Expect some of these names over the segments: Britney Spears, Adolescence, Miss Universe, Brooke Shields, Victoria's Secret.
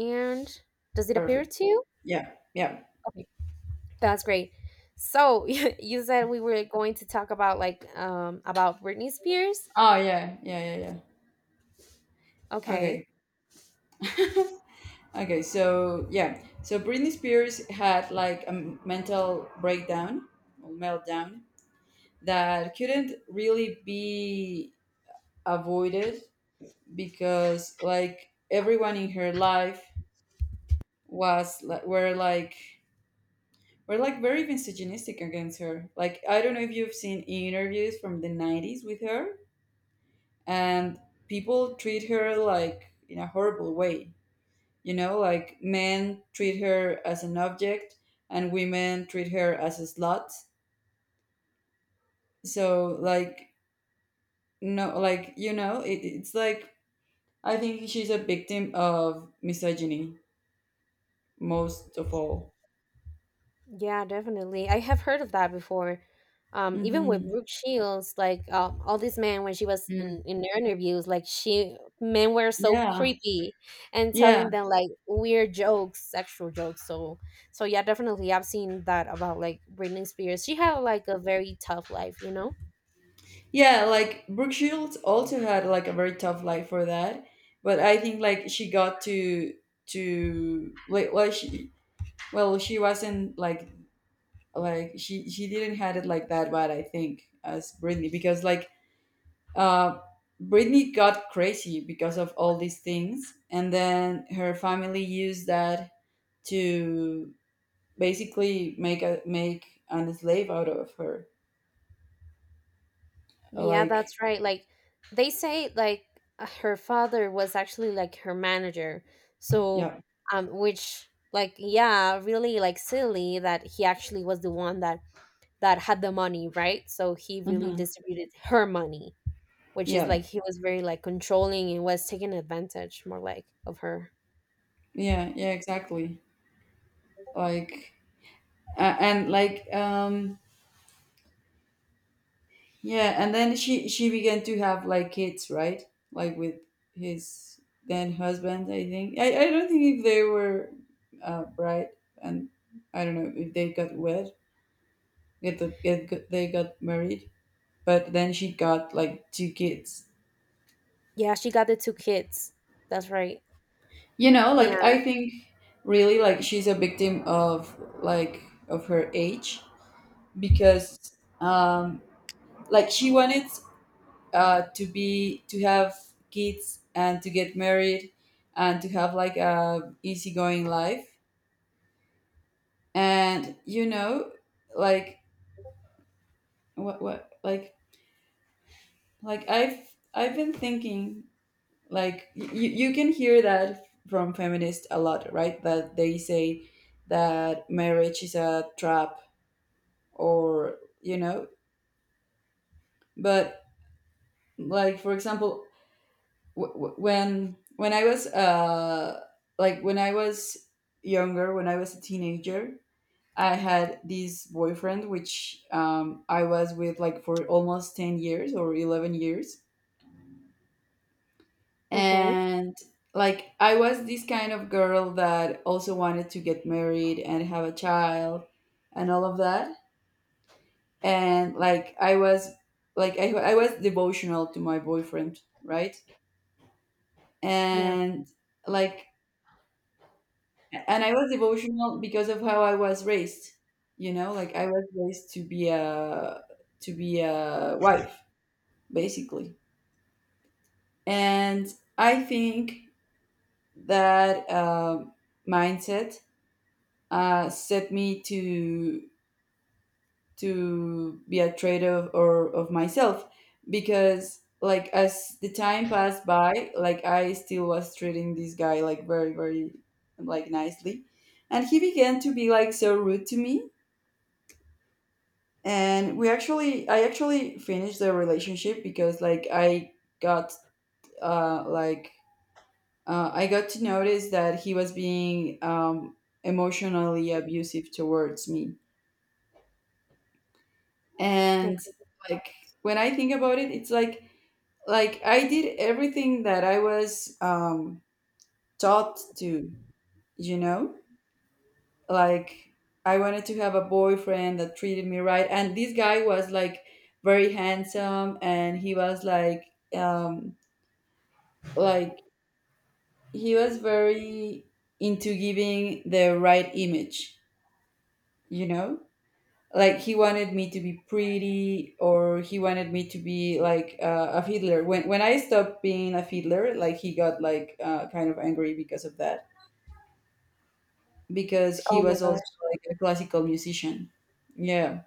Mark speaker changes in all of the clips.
Speaker 1: And does it appear
Speaker 2: Perfect.
Speaker 1: to you?
Speaker 2: Yeah. Yeah.
Speaker 1: Okay, that's great. So you said we were going to talk about about Britney Spears.
Speaker 2: Oh yeah. Yeah. Yeah. Yeah.
Speaker 1: Okay.
Speaker 2: Okay. Okay. So yeah. So Britney Spears had like a mental breakdown or meltdown that couldn't really be avoided, because like everyone in her life was like were like were like very misogynistic against her. Like, I don't know if you've seen interviews from the 90s with her, and people treat her like in a horrible way. You know, like men treat her as an object and women treat her as a slut. So, like, no, like, you know, it's like, I think she's a victim of misogyny most of all.
Speaker 1: Yeah, definitely. I have heard of that before. Even with
Speaker 2: Hmm.
Speaker 1: Brooke Shields, all these men when she was in
Speaker 2: Mm.
Speaker 1: in their interviews, like she men were so
Speaker 2: Yeah,
Speaker 1: creepy and
Speaker 2: yeah,
Speaker 1: telling them like weird jokes, sexual jokes. So yeah, definitely I've seen that about like Britney Spears. She had like a very tough life, you know?
Speaker 2: yeah. Like, Brooke Shields also had like a very tough life for that, but I think like she got to like, well she wasn't like she didn't had it like that bad, I think, as Britney, because like uh Britney got crazy because of all these things, and then her family used that to basically make an slave out of her.
Speaker 1: Yeah,
Speaker 2: Like,
Speaker 1: that's right. Like they say like her father was actually like her manager. So
Speaker 2: yeah.
Speaker 1: which like yeah, really like silly that he actually was the one that had the money, right? So he really
Speaker 2: Hmm.
Speaker 1: distributed her money, which is
Speaker 2: Yeah,
Speaker 1: like he was very like controlling and was taking advantage more like of her.
Speaker 2: yeah, yeah. Exactly. Like, and like, yeah, and then she began to have like kids, right? Like with his then husband, I think. I don't think if they were bride, and I don't know if they got wed, get the, get, got- they got married, but then she got like two kids.
Speaker 1: Yeah, she got the two kids. That's right.
Speaker 2: You know, like I
Speaker 1: And
Speaker 2: think really like she's a victim of, like, of her age, because like she wanted to have kids and to get married and to have like a easygoing life, and you know, like what like I've been thinking, like you can hear that from feminists a lot, right, that they say that marriage is a trap, or you know. But like, for example, w- w- when I was like when I was younger, when I was a teenager, I had this boyfriend, which I was with like for almost 10 years or 11 years.
Speaker 1: okay.
Speaker 2: And like I was this kind of girl that also wanted to get married and have a child and all of that. And like I was, like, I was devotional to my boyfriend, right?
Speaker 1: Yeah.
Speaker 2: And like, yeah. And I was devotional because of how I was raised. You know, like I was raised to be a wife, basically. And I think that mindset set me to be a traitor of, or of myself, because like as the time passed by, like I still was treating this guy like very, very like nicely, and he began to be like so rude to me. And we actually I actually finished the relationship, because like got uh like I got to notice that he was being emotionally abusive towards me. And
Speaker 1: Okay.
Speaker 2: like when I think about it, it's like I did everything that I was taught to, you know. Like, I wanted to have a boyfriend that treated me right, and this guy was like very handsome, and he was like, um like, he was very into giving the right image, you know. Like, he wanted me to be pretty, or he wanted me to be like a fiddler. When I stopped being a fiddler, like he got like kind of angry because of that, because
Speaker 1: Oh
Speaker 2: he
Speaker 1: my
Speaker 2: was also
Speaker 1: gosh.
Speaker 2: like a classical musician. Yeah.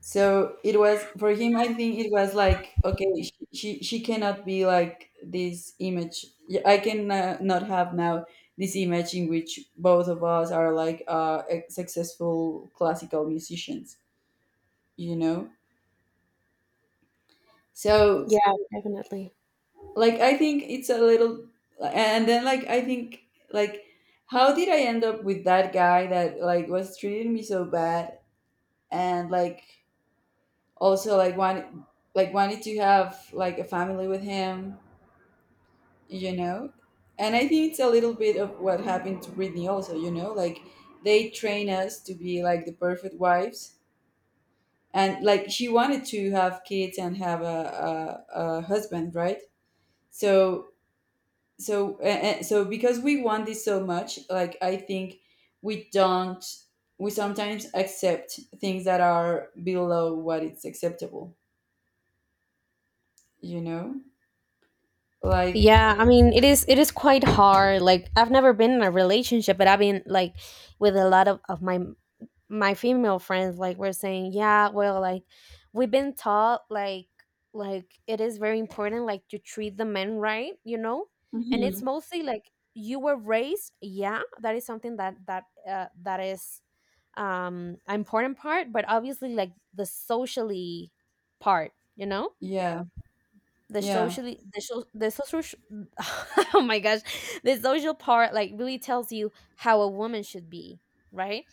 Speaker 2: So it was for him, I think. It was like, okay, she cannot be like this image. Yeah, I can not have now this image in which both of us are like successful classical musicians. You know. So,
Speaker 1: Yeah, definitely.
Speaker 2: like, I think it's a little, and then like I think, like, how did I end up with that guy that like was treating me so bad, and like, also like wanted, like wanted to have like a family with him, you know. And I think it's a little bit of what happened to Britney also, you know, like they train us to be like the perfect wives, and like she wanted to have kids and have a husband, right? So, so, and so, because we want this so much, like I think we don't, we sometimes accept things that are below what it's acceptable, you know. Like,
Speaker 1: Yeah, I mean, it is quite hard. Like I've never been in a relationship, but I've been like with a lot of my my female friends like we're saying, yeah, well, like we've been taught like it is very important like to treat the men right, you know? And it's
Speaker 2: mhm.
Speaker 1: mostly like you were raised, yeah, that is something that that is an important part, but obviously like the socially part, you know?
Speaker 2: Yeah,
Speaker 1: The
Speaker 2: yeah,
Speaker 1: socially the so, the social sh- oh my gosh, the social part like really tells you how a woman should be, right?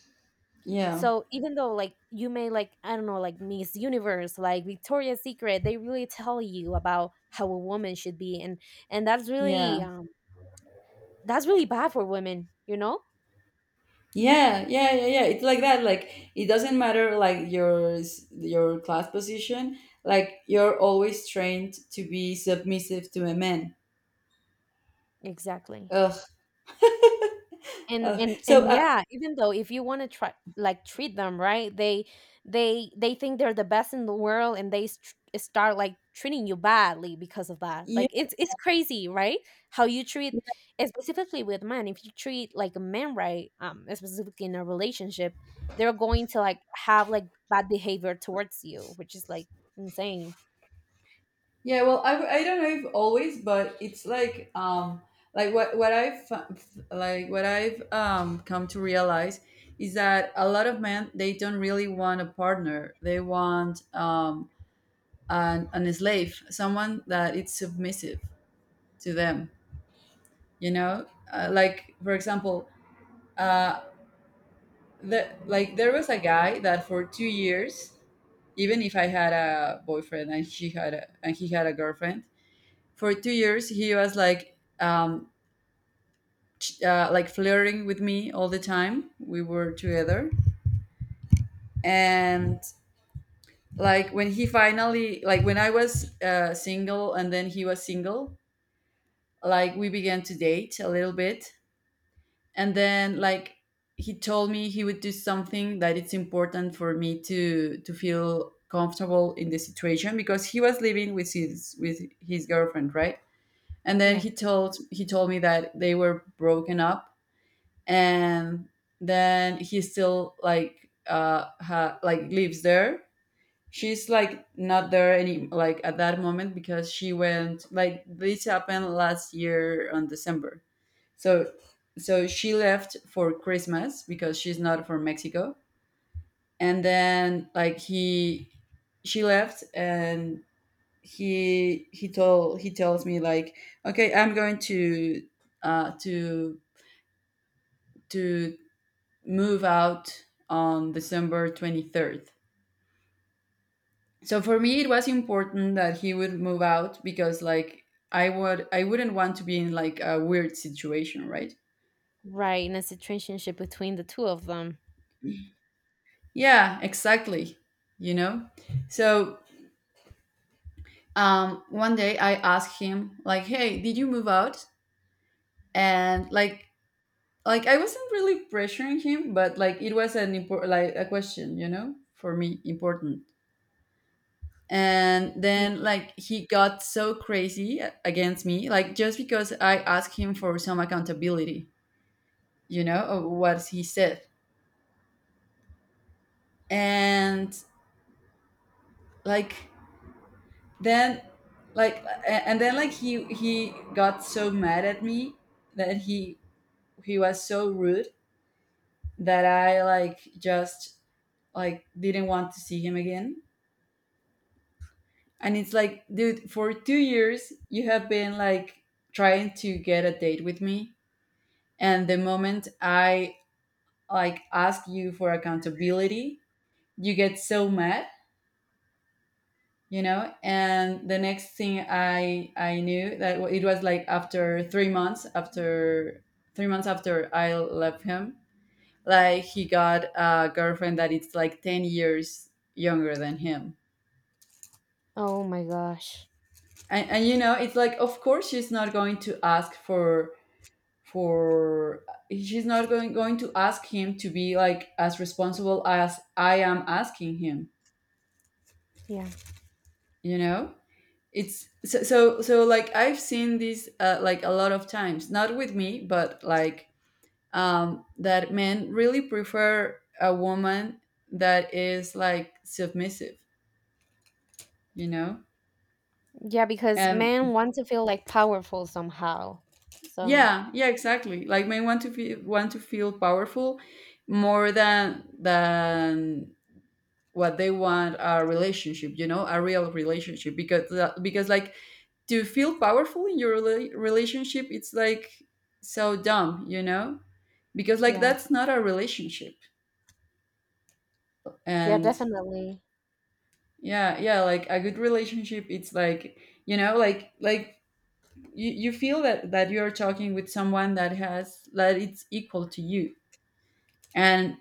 Speaker 2: yeah,
Speaker 1: So even though like you may like I don't know like Miss Universe like Victoria's Secret, they really tell you about how a woman should be and
Speaker 2: yeah.
Speaker 1: that's really bad for women, you know.
Speaker 2: Yeah, yeah, yeah, yeah. It's like that. Like, it doesn't matter, like, your class position. Like, you're always trained to be submissive to a man.
Speaker 1: Exactly.
Speaker 2: Ugh.
Speaker 1: and
Speaker 2: Ugh.
Speaker 1: and
Speaker 2: So
Speaker 1: and yeah, even though if you want to try like treat them right, they they think they're the best in the world and they st- start like treating you badly because of that.
Speaker 2: yeah,
Speaker 1: Like it's crazy, right? How you treat specifically with men, if you treat like a man right, specifically in a relationship, they're going to like have like bad behavior towards you, which is like insane.
Speaker 2: yeah. Well, I don't know if always, but it's like, like, what I've come to realize is that a lot of men, they don't really want a partner. They want an slave, someone that is submissive to them. You know. Like, for example, uh like there was a guy that for 2 years, even if I had a boyfriend and he had a girlfriend, for 2 years he was like, like, flirting with me all the time we were together. And like when he finally, like, when I was single and then he was single, like we began to date a little bit. And then like he told me he would do something, that it's important for me to feel comfortable in the situation, because he was living with his girlfriend, right? And then
Speaker 1: Yeah,
Speaker 2: he told me that they were broken up, and then he still, like, like, lives there. She's like not there any, like, at that moment, because she went, like, this happened last year on December. So so she left for Christmas, because she's not from Mexico. And then like he, she left, and he tells me, like, okay, I'm going uh to to move out on December 23rd. So for me it was important that he would move out, because like I wouldn't want to be in like a weird situation, right?
Speaker 1: right, in a situationship between the two of them.
Speaker 2: Yeah, exactly. You know? So one day I asked him, like, hey, did you move out? And like, I wasn't really pressuring him, but like it was an important, like, a question, you know, for me important. And
Speaker 1: Yeah.
Speaker 2: then like he got so crazy against me, like, just because I asked him for some accountability, you know, of what he said. And like, then, like and then like he got so mad at me, that he was so rude, that I, like, just, like, didn't want to see him again. And it's like, dude, for 2 years you have been like trying to get a date with me, and the moment I, like, ask you for accountability, you get so mad, you know. And the next thing I knew, that it was like after 3 months, after 3 months after I left him, like, he got a girlfriend that it's like 10 years younger than him.
Speaker 1: Oh my gosh.
Speaker 2: And you know, it's like, of course she's not going to ask for, she's not going to ask him to be like as responsible as I am asking him,
Speaker 1: Yeah.
Speaker 2: you know. It's so, like I've seen this like a lot of times, not with me, but like that men really prefer a woman that is like submissive, you know.
Speaker 1: Yeah, because
Speaker 2: And
Speaker 1: men want to feel like powerful somehow. So,
Speaker 2: yeah, yeah, exactly. Like, men want to feel powerful more than what they want a relationship, you know, a real relationship, because that, because like, to feel powerful in your relationship, it's like so dumb, you know? Because like
Speaker 1: yeah.
Speaker 2: that's not a relationship.
Speaker 1: Yeah,
Speaker 2: And
Speaker 1: definitely.
Speaker 2: yeah, yeah, like a good relationship, it's like, you know, like, you feel that you're talking with someone that has that it's equal to you. And,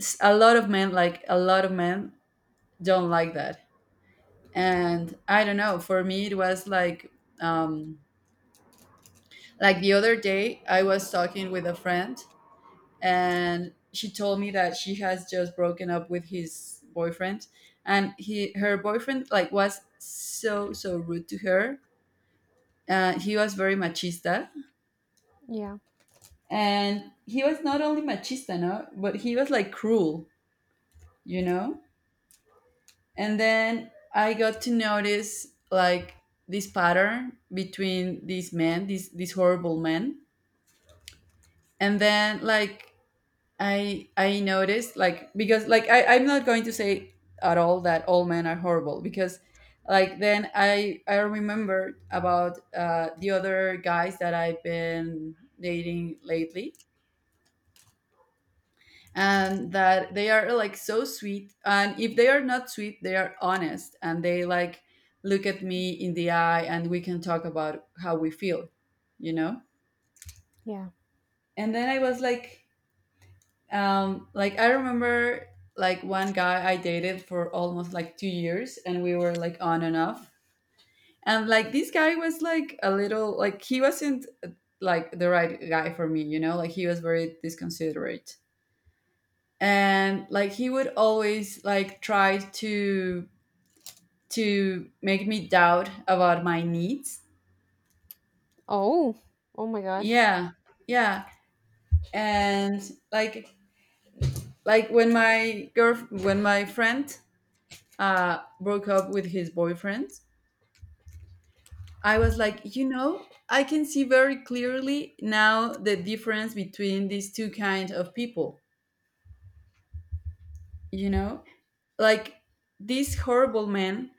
Speaker 2: s- a lot of men like a lot of men don't like that. And I don't know, for me it was like, um like, the other day I was talking with a friend, and she told me that she has just broken up with his boyfriend, and he, her boyfriend, like was so, so rude to her. He was very machista,
Speaker 1: Yeah.
Speaker 2: and he was not only machista, no, but he was like cruel, you know. And then I got to notice, like, this pattern between these men, these horrible men. And then like I noticed, like, because like I'm not going to say at all that all men are horrible, because like then I remembered about the other guys that I've been dating lately, and that they are like so sweet, and if they are not sweet they are honest, and they like look at me in the eye and we can talk about how we feel you know
Speaker 1: Yeah.
Speaker 2: and then I was like, like I remember, like one guy I dated for almost like 2 years, and we were like on and off. And like this guy was like a little, like he wasn't like the right guy for me, like he was very disconsiderate. And like he would always like try to make me doubt about my needs.
Speaker 1: Oh. Oh my gosh.
Speaker 2: Yeah, yeah. And like when my friend broke up with his boyfriend, I was like, I can see very clearly now the difference between these two kinds of people you know like this horrible man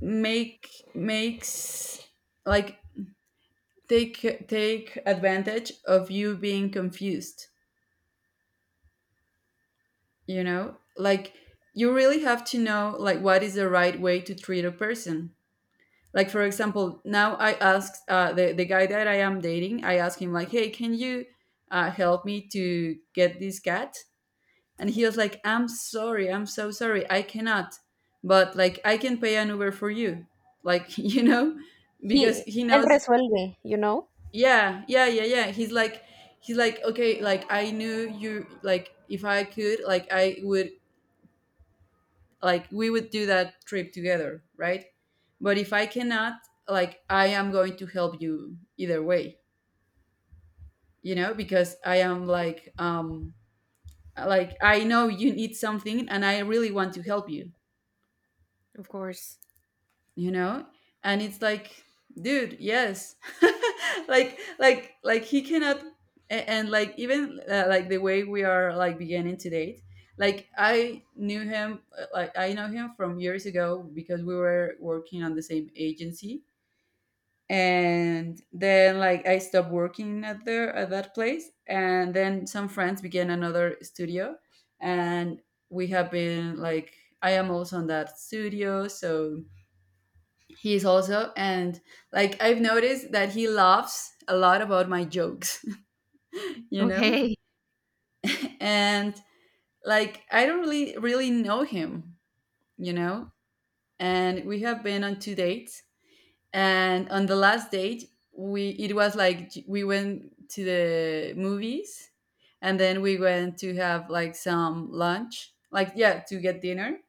Speaker 2: make makes like take advantage of you being confused. You know, like you really have to know like what is the right way to treat a person. Like, for example, now I asked the guy that I am dating. I asked him like, hey, can you help me to get this cat? And he was like, I'm sorry, I'm so sorry, I cannot, but like I can pay an Uber for you. Like, because
Speaker 1: He
Speaker 2: he
Speaker 1: él
Speaker 2: knows.
Speaker 1: resuelve, you know?
Speaker 2: Yeah, yeah, yeah, yeah. He's like okay, like I knew you, like if I could, like I would, like we would do that trip together, right? But if I cannot, like I am going to help you either way. Because I am like, like I know you need something and I really want to help you
Speaker 1: Of course.
Speaker 2: you know And it's like, dude, yes. Like he cannot. And like even, like the way we are like beginning to date. Like I knew him like I know him from years ago, because we were working on the same agency, and then like I stopped working at that place, and then some friends began another studio. And we have been like, I am also on that studio, so he is also. And like I've noticed that he laughs a lot about my jokes. you know
Speaker 1: Okay.
Speaker 2: and like I don't really really know him you know and we have been on two dates, and on the last date, we it was like j- we went to the movies, and then we went to have like some lunch, like, yeah, to get dinner.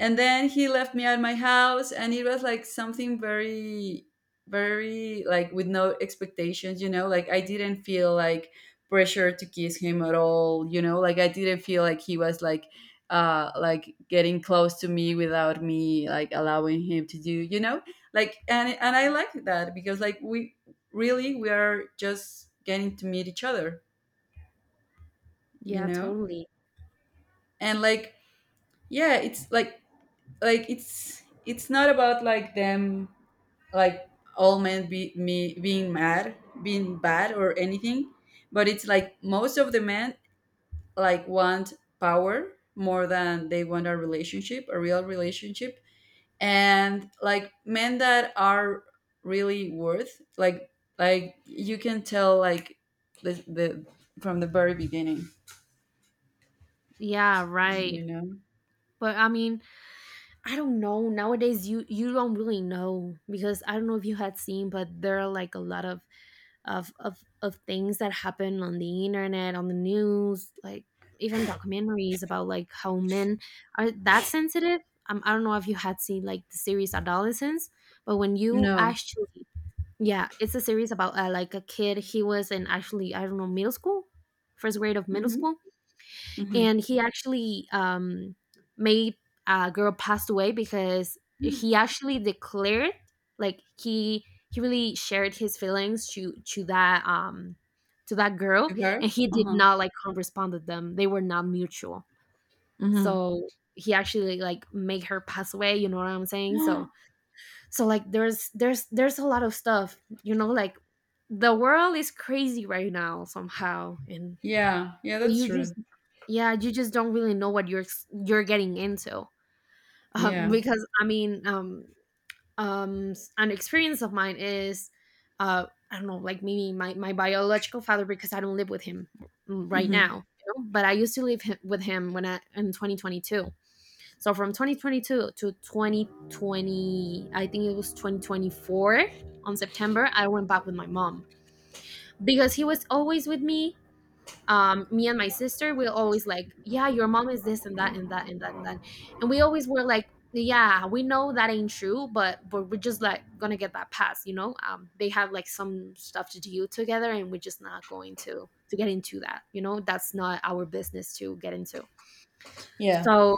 Speaker 2: And then he left me at my house, and it was like something very, very, like, with no expectations. Like I didn't feel like pressure to kiss him at all. Like I didn't feel like he was like, like getting close to me without me like allowing him to do. Like, and I like that because we are just getting to meet each other. you
Speaker 1: Yeah,
Speaker 2: know
Speaker 1: totally.
Speaker 2: and like, yeah, it's like, it's not about like them. Like all men be me being mad being bad or anything. But it's like most of the men like want power more than they want a relationship, a real relationship. And like men that are really worth, like you can tell like the from the very beginning.
Speaker 1: Yeah, right.
Speaker 2: You know.
Speaker 1: But I mean, I don't know. Nowadays you you don't really know because I don't know if you had seen, but there are like a lot of things that happen on the internet, on the news, like even documentaries about like how men are that sensitive. I don't know if you had seen like the series Adolescence, but when you
Speaker 2: No.
Speaker 1: actually yeah, it's a series about like a kid. He was in actually I don't know middle school, first grade of middle
Speaker 2: Mm-hmm,
Speaker 1: school,
Speaker 2: mm-hmm.
Speaker 1: and he actually made a girl passed away because he actually declared like he really shared his feelings to that girl
Speaker 2: To her.
Speaker 1: and he did
Speaker 2: Uh-huh.
Speaker 1: not like corresponded them, they were not mutual, so he actually like made her pass away, you know what I'm saying?
Speaker 2: Mm-hmm.
Speaker 1: So like there's there's a lot of stuff, you know, like the world is crazy right now somehow. And
Speaker 2: Yeah, yeah, that's
Speaker 1: you just
Speaker 2: true.
Speaker 1: yeah, you just don't really know what you're ex- you're getting into.
Speaker 2: Yeah.
Speaker 1: Because I mean, s- an experience of mine is, I don't know, like maybe my my biological father, because I don't live with him mm, right
Speaker 2: Mm-hmm.
Speaker 1: now. You know? But I used to live hi- with him when I in 2022. So from 2022 to 2020, I think it was 2024 on September, I went back with my mom because he was always with me. Me and my sister we always like yeah your mom is this and that and that and that and that, and we always were like yeah we know that ain't true but we're just like gonna get that pass, you know, they have like some stuff to do together and we're just not going to get into that, you know, that's not our business to get into.
Speaker 2: Yeah.
Speaker 1: So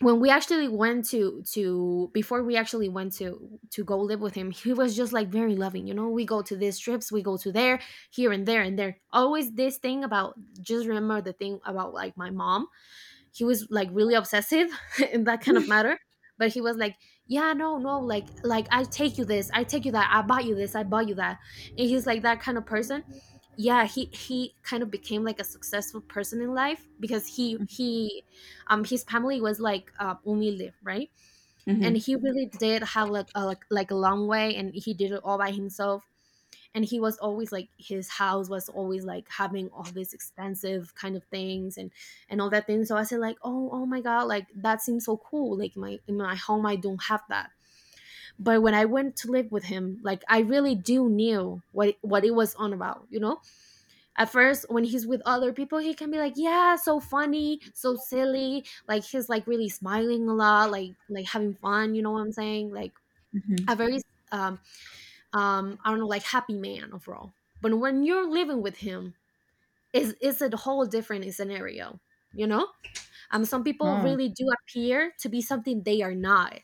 Speaker 1: when we actually went to before we actually went to go live with him he was just like very loving, you know, we go to these trips we go to there here and there always this thing about, just remember the thing about like my mom, he was like really obsessive in that kind of matter, but he was like yeah no no like like I take you this I take you that I bought you this I bought you that, and he's like that kind of person. Yeah, he kind of became like a successful person in life because he his family was like humilde, right, and
Speaker 2: Mm-hmm.
Speaker 1: he really did have like a like, like a long way and he did it all by himself and he was always like his house was always like having all these expensive kind of things and all that thing. So I said like oh oh my god, like that seems so cool, like my in my home I don't have that. But when I went to live with him, like I really do knew what it was on about, you know. At first when he's with other people he can be like yeah so funny so silly, like he's like really smiling a lot like having fun, you know what I'm saying, like a
Speaker 2: Hmm.
Speaker 1: very um I don't know, like happy man overall. But when you're living with him is a whole different scenario, you know. Um, some people
Speaker 2: Oh,
Speaker 1: really do appear to be something they are not.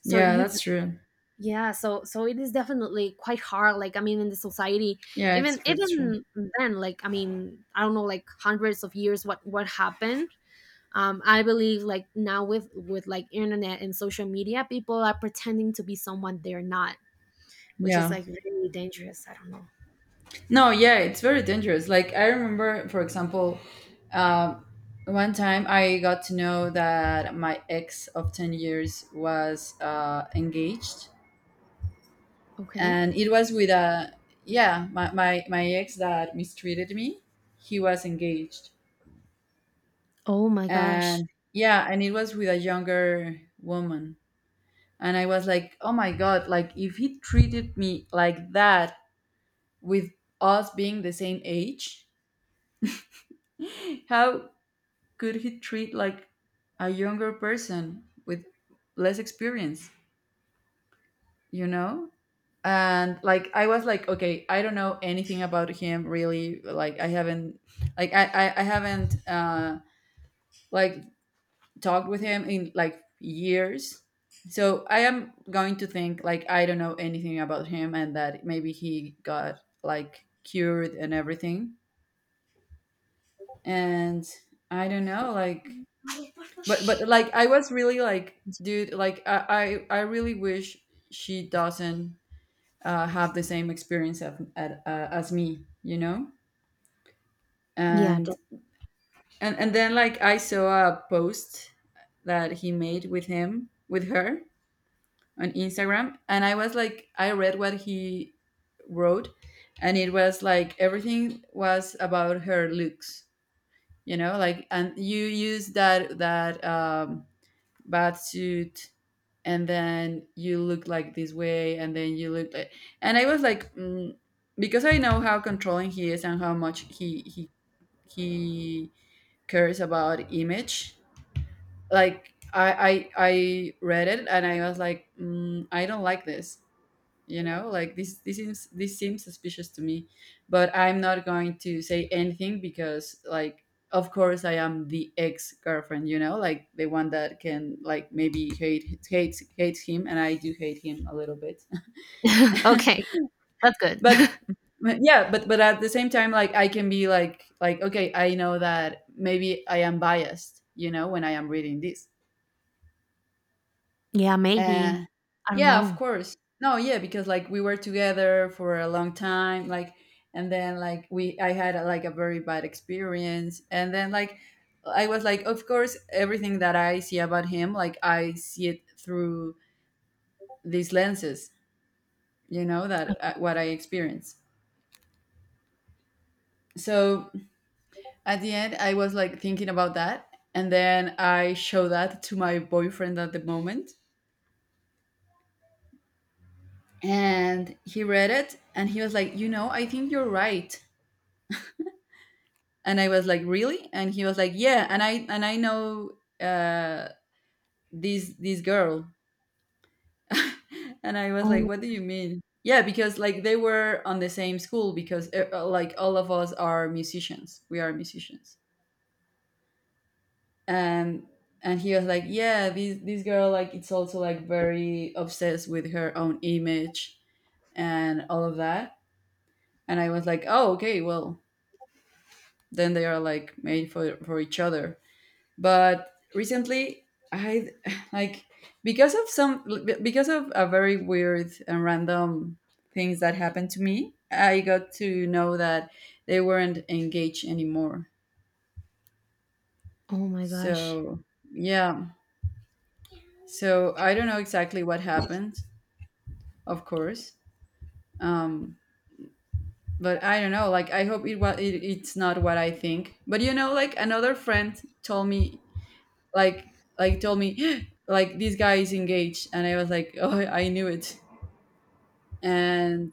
Speaker 1: So
Speaker 2: yeah,
Speaker 1: you
Speaker 2: that's true.
Speaker 1: yeah, so so it is definitely quite hard, like I mean in the society,
Speaker 2: Yeah, it's
Speaker 1: even
Speaker 2: true. It's true.
Speaker 1: even then, like I mean I don't know like hundreds of years what happened. Um, I believe like now with like internet and social media people are pretending to be someone they're not, which is
Speaker 2: Yeah.
Speaker 1: like really dangerous, I don't know.
Speaker 2: No, yeah, it's very dangerous. Like, I remember, for example, um, one time I got to know that my ex of 10 years was, engaged,
Speaker 1: Okay.
Speaker 2: and it was with yeah, my ex that mistreated me. He was engaged.
Speaker 1: Oh my gosh.
Speaker 2: And yeah, and it was with a younger woman. And I was like, oh my God, like, if he treated me like that, with us being the same age, how could he treat like a younger person with less experience? You know. And like I was like, okay, I don't know anything about him, really. Like I haven't like talked with him in like years. So I am going to think like I don't know anything about him, and that maybe he got like cured and everything. And I don't know like, but like I was really like, dude, like I really wish she doesn't, have the same experience as me.
Speaker 1: Yeah, d
Speaker 2: And and then like I saw a post that he made with her on Instagram, and I was like, I read what he wrote, and it was like everything was about her looks. And you use that suit, and then you look like this way, and then you look like. And I was like, mm, because I know how controlling he is and how much he cares about image. Like I read it, and I was like, mm, I don't like this. Like this seems suspicious to me. But I'm not going to say anything because, like, of course I am the ex-girlfriend, like the one that can, like, maybe hates him, and I do hate him a little bit.
Speaker 1: okay, that's good.
Speaker 2: but but yeah, but at the same time, like, I can be like okay, I know that maybe I am biased, when I am reading this.
Speaker 1: Yeah,
Speaker 2: Uh,
Speaker 1: maybe. I don't
Speaker 2: yeah, of
Speaker 1: know.
Speaker 2: course. No, yeah, because like we were together for a long time, like, and then like I had a, like, a very bad experience, and then like I was like, of course, everything that I see about him, like I see it through these lenses, you know, that, what I experience. So at the end, I was like thinking about that, and then I show that to my boyfriend at the moment, and he read it, and he was like, you know, I think you're right. And I was like, really? And he was like, yeah. And I know uh this girl. And I was like,
Speaker 1: Oh,
Speaker 2: what do you mean? Yeah, because like they were on the same school, because like, all of us are musicians, we are musicians. And and he was like, yeah, this girl, like it's also like very obsessed with her own image and all of that. And I was like, oh okay, well, then they are like made for each other. But recently, I, like, because of some because of a very weird and random things that happened to me, I got to know that they weren't engaged anymore.
Speaker 1: oh my gosh.
Speaker 2: So yeah, so I don't know exactly what happened, of course. um but I don't know, like, I hope it was, it's not what I think. But like another friend told me, like, told me, like, this guy is engaged. And I was like, oh, I knew it. and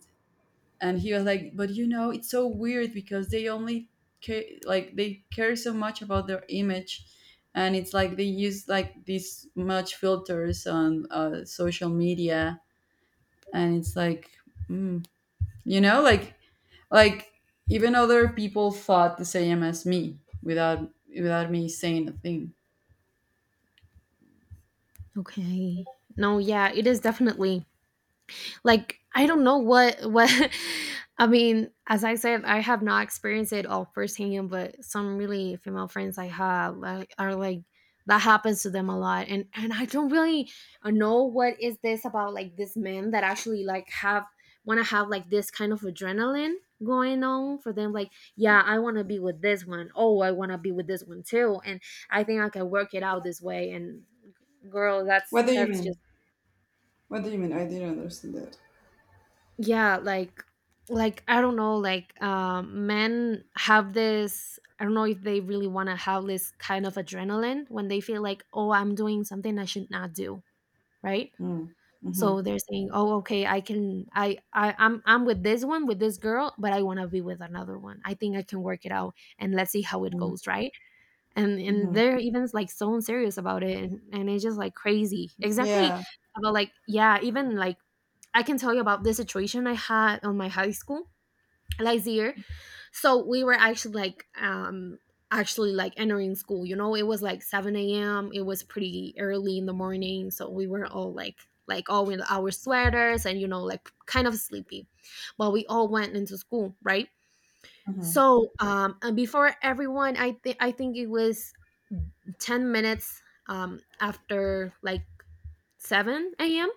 Speaker 2: and he was like, but you know, it's so weird because they only care, like, they care so much about their image, and it's like they use like this much filters on, social media. And it's like, mm. Like, like even other people thought the same as me, without me saying a thing.
Speaker 1: Okay. No, yeah, it is definitely like I don't know what I mean as I said I have not experienced it all firsthand but some really female friends I have like, are like that happens to them a lot and I don't really know what is this about, like this men that actually like have want to have like this kind of adrenaline going on for them like yeah I want to be with this one. Oh, I want to be with this one too and I think I can work it out this way and girl
Speaker 2: What do you
Speaker 1: that's just
Speaker 2: mean? What do you mean? I didn't understand that.
Speaker 1: yeah like I don't know like men have this I don't know if they really want to have this kind of adrenaline when they feel like oh I'm doing something I should not do, right?
Speaker 2: Mm. Mm-hmm.
Speaker 1: So they're saying oh okay I can I'm with this one with this girl but I want to be with another one I think I can work it out and let's see how it goes, right? And
Speaker 2: Mm-hmm.
Speaker 1: they're even like so serious about it and it's just like crazy exactly
Speaker 2: Yeah.
Speaker 1: about like yeah even like I can tell you about the situation I had on my high school last year. So we were actually like entering school. You know, it was like seven a.m. It was pretty early in the morning, so we were all like all in our sweaters and you know like kind of sleepy, but we all went into school, right?
Speaker 2: Mm-hmm.
Speaker 1: So and before everyone, I think it was 10 minutes after like seven a.m.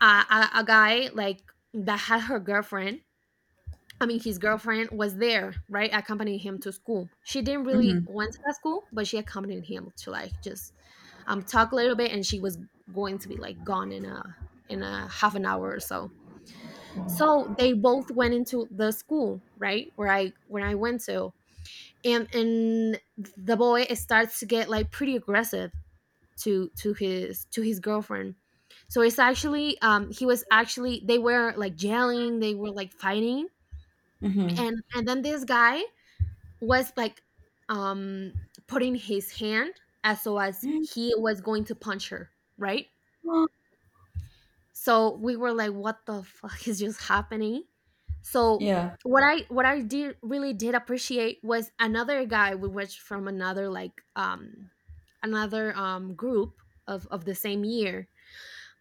Speaker 1: A guy like that had her girlfriend, I mean, his girlfriend was there, right? Accompanying him to school. She didn't really
Speaker 2: Mm.
Speaker 1: went to that school, but she accompanied him to like just talk a little bit, and she was going to be like gone in a half an hour or so. So they both went into the school, right? Where I when I went to, and the boy starts to get like pretty aggressive to his to his girlfriend. So it's actually he was actually they were like yelling, they were like fighting,
Speaker 2: Mm-hmm.
Speaker 1: and then this guy was like um putting his hand as so as he was going to punch her, right? So we were like, what the fuck is just happening? So
Speaker 2: Yeah,
Speaker 1: what I did really did appreciate was another guy. We was from another like another group of the same year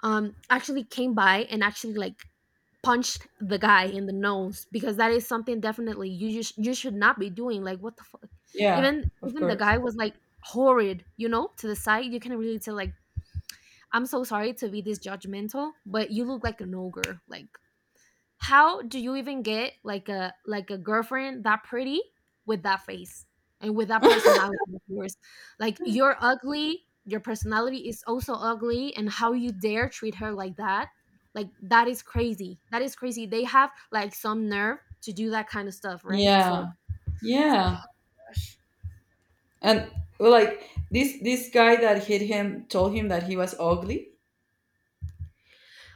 Speaker 1: actually came by and actually like punched the guy in the nose, because that is something definitely you should not be doing. Like, what the fuck?
Speaker 2: yeah,
Speaker 1: even
Speaker 2: of
Speaker 1: even the
Speaker 2: course.
Speaker 1: guy was like horrid, you know, to the side. You can really tell, like, I'm so sorry to be this judgmental, but you look like an ogre. Like, how do you even get like a girlfriend that pretty, with that face and with that personality of yours? Like, you're ugly, your personality is also ugly, and how you dare treat her like that? Like, that is crazy. That is crazy. They have like some nerve to do that kind of stuff, right? So.
Speaker 2: Yeah,
Speaker 1: So.
Speaker 2: yeah. And, well, like this guy that hit him told him that he was ugly.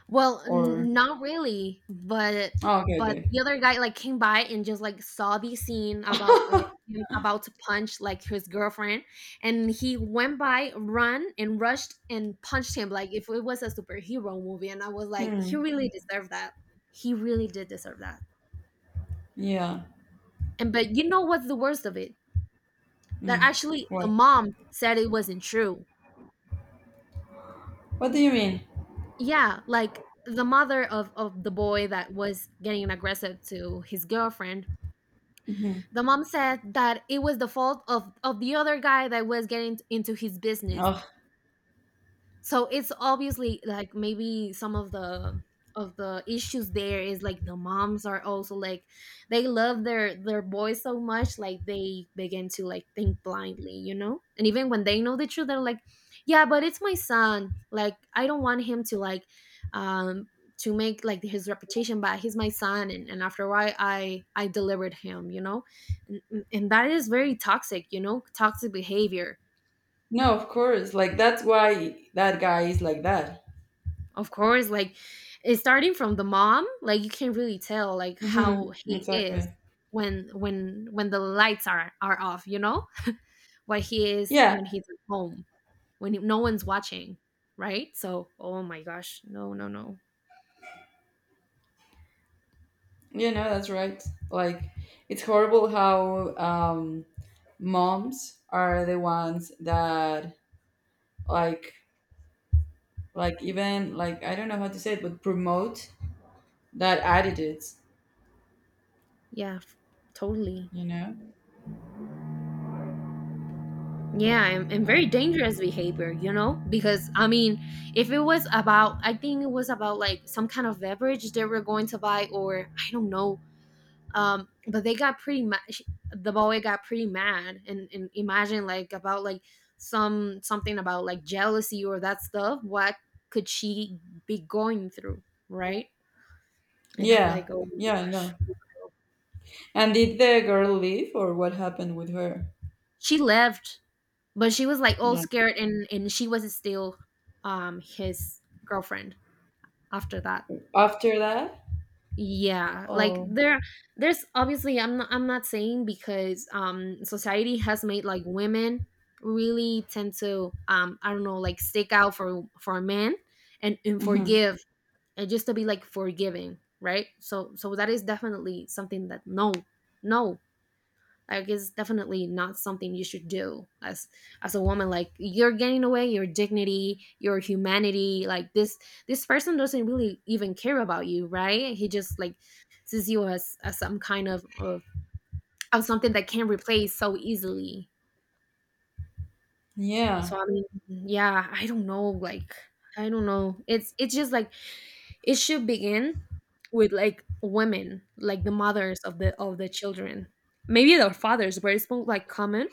Speaker 1: Well,
Speaker 2: Or
Speaker 1: n not really,
Speaker 2: oh, okay,
Speaker 1: but
Speaker 2: okay.
Speaker 1: the other guy, like, came by and just, like, saw the scene about, like, him about to punch, like, his girlfriend, and he went by, run, and rushed and punched him like if it was a superhero movie, and I was like,
Speaker 2: Hmm.
Speaker 1: "He really deserved that. He really did deserve that."
Speaker 2: Yeah.
Speaker 1: And but you know what's the worst of it? That
Speaker 2: Hmm.
Speaker 1: actually the
Speaker 2: What?
Speaker 1: mom said it wasn't true.
Speaker 2: What do you mean?
Speaker 1: Yeah, like, the mother of the boy that was getting aggressive to his girlfriend,
Speaker 2: Mm-hmm.
Speaker 1: the mom said that it was the fault of the other guy that was getting into his business.
Speaker 2: Oh,
Speaker 1: So it's obviously like maybe some of the issues there is like the moms are also like, they love their boys so much, like they begin to like think blindly, you know? And even when they know the truth, they're like, yeah, but it's my son, like I don't want him to like um to make like his reputation bad, he's my son. And after a while, I delivered him, you know. And that is very toxic, you know, toxic behavior.
Speaker 2: no, of course. Like, that's why that guy is like that.
Speaker 1: Of course, like it's starting from the mom, like you can really tell like how
Speaker 2: Mm-hmm.
Speaker 1: he is
Speaker 2: Exactly.
Speaker 1: when the lights are off, you know? What he is
Speaker 2: Yeah,
Speaker 1: when he's at home, when no one's watching, right? So, oh my gosh, no, no, no.
Speaker 2: that's right. Like, it's horrible how, moms are the ones that, like, even, like, I don't know how to say it, but promote that attitudes
Speaker 1: Yeah, f- totally.
Speaker 2: you know
Speaker 1: Yeah, and very
Speaker 2: um,
Speaker 1: dangerous behavior, you know? Because I mean, if it was about, I think it was about like some kind of beverage they were going to buy or I don't know, but they got pretty much, the boy got pretty mad and imagine like about like some something about like jealousy or that stuff. What could she be going through, right? And I'm
Speaker 2: yeah.
Speaker 1: like, oh my
Speaker 2: Yeah, I
Speaker 1: gosh.
Speaker 2: know. And did the girl leave, or what happened with her?
Speaker 1: She left, but she was like all
Speaker 2: Yeah.
Speaker 1: scared, and she was still his girlfriend after that.
Speaker 2: After that.
Speaker 1: Yeah, like
Speaker 2: Oh.
Speaker 1: there there's obviously, I'm not saying because society has made like women really tend to I don't know, like stick out for men and
Speaker 2: Hmm.
Speaker 1: forgive, and just to be like forgiving, right? So so that is definitely something that no, no, like it's definitely not something you should do as a woman. Like, you're getting away your dignity, your humanity. Like, this person doesn't really even care about you, right? He just like sees you as some kind of something that can replace so easily. So
Speaker 2: Yeah,
Speaker 1: I mean, yeah, I don't know. Like, I don't know. It's just like it should begin with like women, like the mothers of the children, maybe their fathers, but it's more like common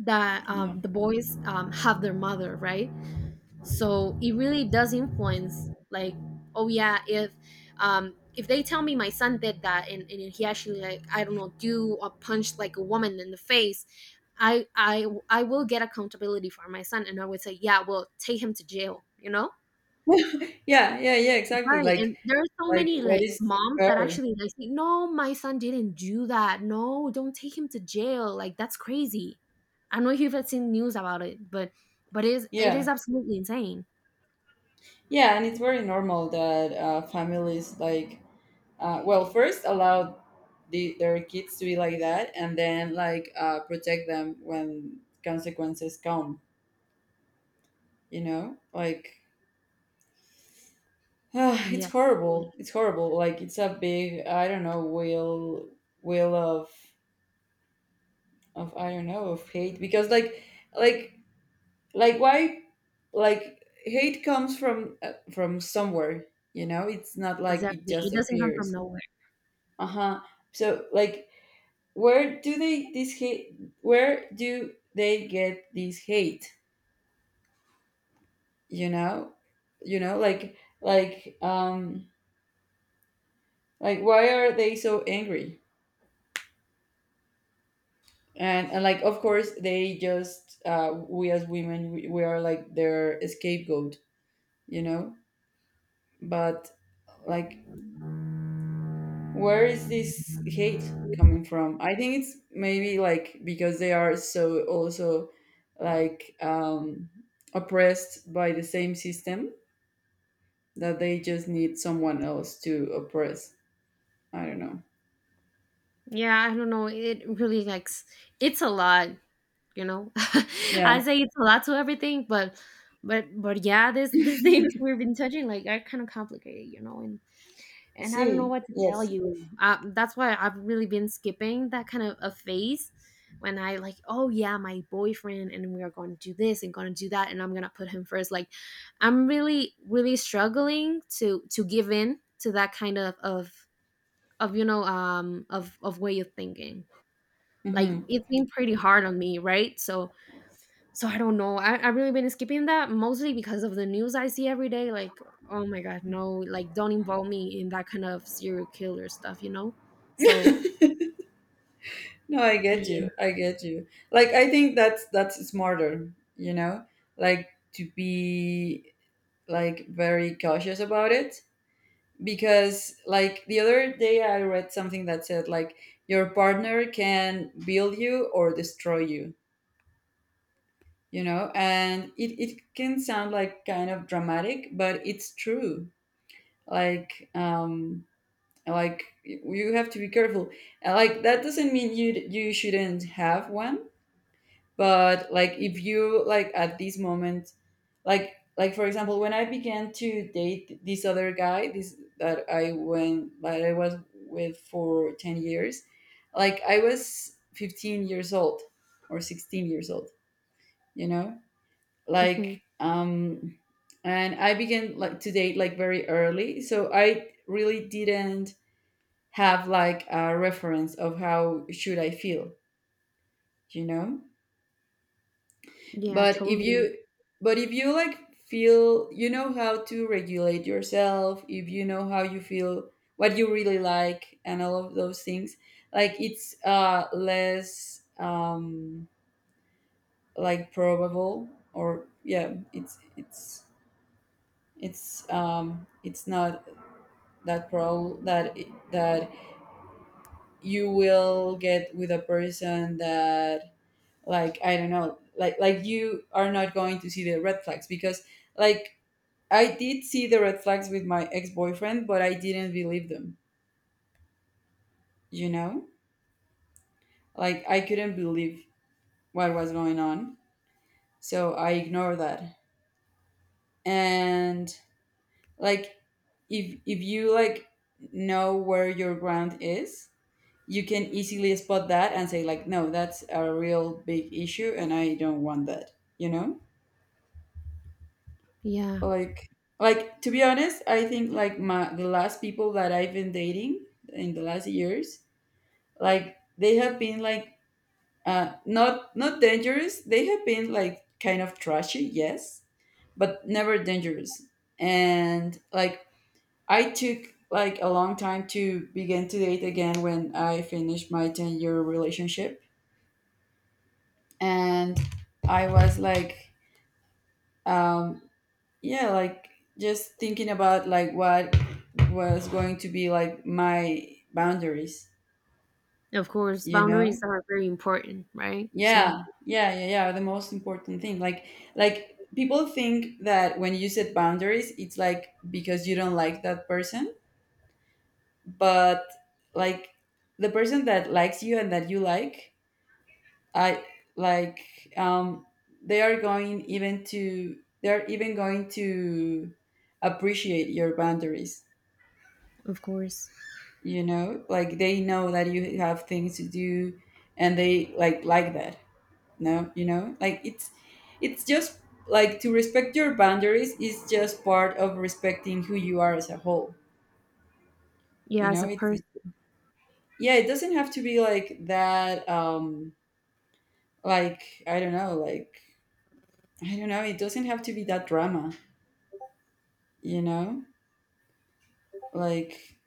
Speaker 1: that
Speaker 2: yeah,
Speaker 1: the boys have their mother, right? So it really does influence, like, oh yeah, if they tell me my son did that and he actually like I don't know do or punch like a woman in the face, I will get accountability for my son, and I would say, yeah, well, take him to jail, you know.
Speaker 2: yeah, yeah, yeah, exactly.
Speaker 1: Right, and there are so
Speaker 2: Like,
Speaker 1: many,
Speaker 2: what
Speaker 1: like,
Speaker 2: is
Speaker 1: moms that
Speaker 2: her?
Speaker 1: actually, like, say, "No, my son didn't do that. No, don't take him to jail. Like, that's crazy." I don't know if you've like seen news about it, but it is
Speaker 2: yeah
Speaker 1: absolutely insane.
Speaker 2: yeah and it's very normal that families like well first allow their kids to be like that and then like protect them when consequences come, you know, like it's
Speaker 1: Yeah, totally.
Speaker 2: horrible, it's horrible. Like it's a big, I don't know, wheel of, I don't know, of hate. Because like like why, like hate comes from somewhere, you know? It's not like it
Speaker 1: Exactly. It
Speaker 2: just
Speaker 1: doesn't come from
Speaker 2: appears.
Speaker 1: nowhere.
Speaker 2: Uh-huh. So like where do they this hate, where do they get this hate, you know? You know like like, like why are they so angry? And like of course they just we as women, we are like their scapegoat, you know? But like where is this hate coming from? I think it's maybe like because they are so also like oppressed by the same system, that they just need someone else to oppress. I don't know.
Speaker 1: Yeah, I don't know. It really, like, s it's a lot, you know?
Speaker 2: Yeah.
Speaker 1: I say it's a lot to everything, but but yeah, this these things we've been touching, like, are kind of complicated, you know, and I don't know
Speaker 2: See.
Speaker 1: what to tell
Speaker 2: Yes.
Speaker 1: you. That's why I've really been skipping that kind of a phase when I like, oh yeah, my boyfriend, and we are going to do this and going to do that, and I'm gonna put him first. Like, I'm really, really struggling to give in to that kind of you know of way of thinking. Like,
Speaker 2: Hmm.
Speaker 1: it's been pretty hard on me, right? So so I don't know. I've really been skipping that mostly because of the news I see every day. Like, oh my God, no, like don't involve me in that kind of serial killer stuff, you know? So,
Speaker 2: No, I get
Speaker 1: yeah.
Speaker 2: you. I get you. Like I think that's smarter, you know? Like to be like very cautious about it, because like the other day I read something that said like your partner can build you or destroy you, you know? And it can sound like kind of dramatic, but it's true. Like um like you have to be careful. And, like, that doesn't mean you, you shouldn't have one. But like if you like at this moment, like for example when I began to date this other guy, this that I went, that I was with for 10 years, like I was 15 years old or 16 years old, you know, like
Speaker 1: Okay.
Speaker 2: um and I began like to date like very early, so I really didn't have like a reference of how should I feel, you know.
Speaker 1: Yeah,
Speaker 2: But if
Speaker 1: totally.
Speaker 2: you, but if you like feel, you know how to regulate yourself, if you know how you feel, what you really like and all of those things, like it's less like probable, or yeah, it's, it's not that probable that that you will get with a person that, like, I don't know, like you are not going to see the red flags. Because like I did see the red flags with my ex boyfriend, but I didn't believe them, you know? Like, I couldn't believe what was going on. So I ignored that. And, like, if you, like, know where your ground is, you can easily spot that and say, like, no, that's a real big issue and I don't want that, you know?
Speaker 1: Yeah.
Speaker 2: Like, like to be honest, I think like my, the last people that I've been dating in the last years, like they have been like, uh, not not dangerous. They have been like kind of trashy, yes, but never dangerous. And like I took like a long time to begin to date again when I finished my 10 year relationship, and I was like, um, yeah, like just thinking about like what was going to be like my boundaries,
Speaker 1: Of course,
Speaker 2: you know.
Speaker 1: boundaries are very important, right? So,
Speaker 2: Yeah, yeah, yeah, yeah. The most important thing, like people think that when you set boundaries, it's like because you don't like that person, but like the person that likes you and that you like, I like, um, they are going even to, they are even going to appreciate your boundaries.
Speaker 1: of course.
Speaker 2: You know, like they know that you have things to do, and they like that. No, you know like it's just like to respect your boundaries is just part of respecting who you are as a whole, you
Speaker 1: Yeah, as a
Speaker 2: know? It's it,
Speaker 1: person.
Speaker 2: yeah, it doesn't have to be like that, um, like I don't know, like I don't know, it doesn't have to be that drama, you know? Like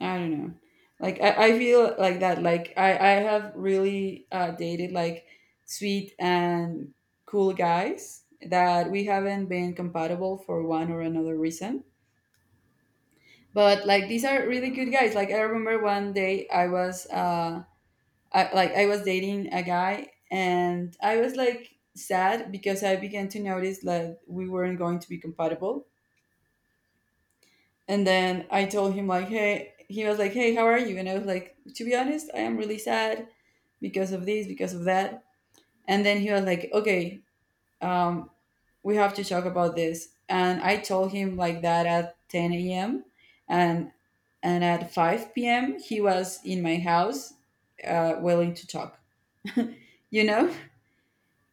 Speaker 2: I don't know, like I feel like that, like I have really dated like sweet and cool guys that we haven't been compatible for one or another reason, but like these are really good guys. Like I remember one day I was uh, like I was dating a guy and I was like sad because I began to notice that we weren't going to be compatible. And then I told him, like, hey, he was like, hey, how are you? And I was like, to be honest, I am really sad because of this, because of that. And then he was like, okay, um, we have to talk about this. And I told him like that at 10 a.m., and and at 5 p.m. he was in my house, willing to talk. You know,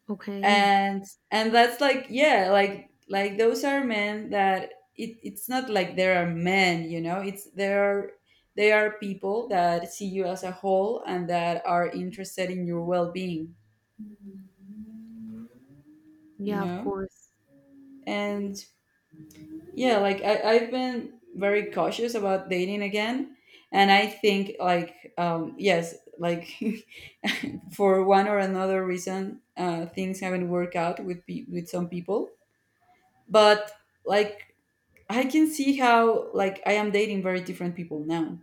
Speaker 1: Okay.
Speaker 2: and and that's like, yeah, like those are men that it, it's not like there are men. You know, it's there are, they are people that see you as a whole and that are interested in your well-being. You
Speaker 1: Yeah, of
Speaker 2: know,
Speaker 1: course.
Speaker 2: and yeah, like I, I've been very cautious about dating again. And I think, like, yes, like for one or another reason, things haven't worked out with pe- with some people. But like, I can see how like I am dating very different people now.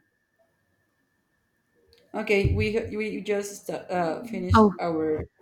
Speaker 2: Okay, we just finished
Speaker 1: Oh,
Speaker 2: our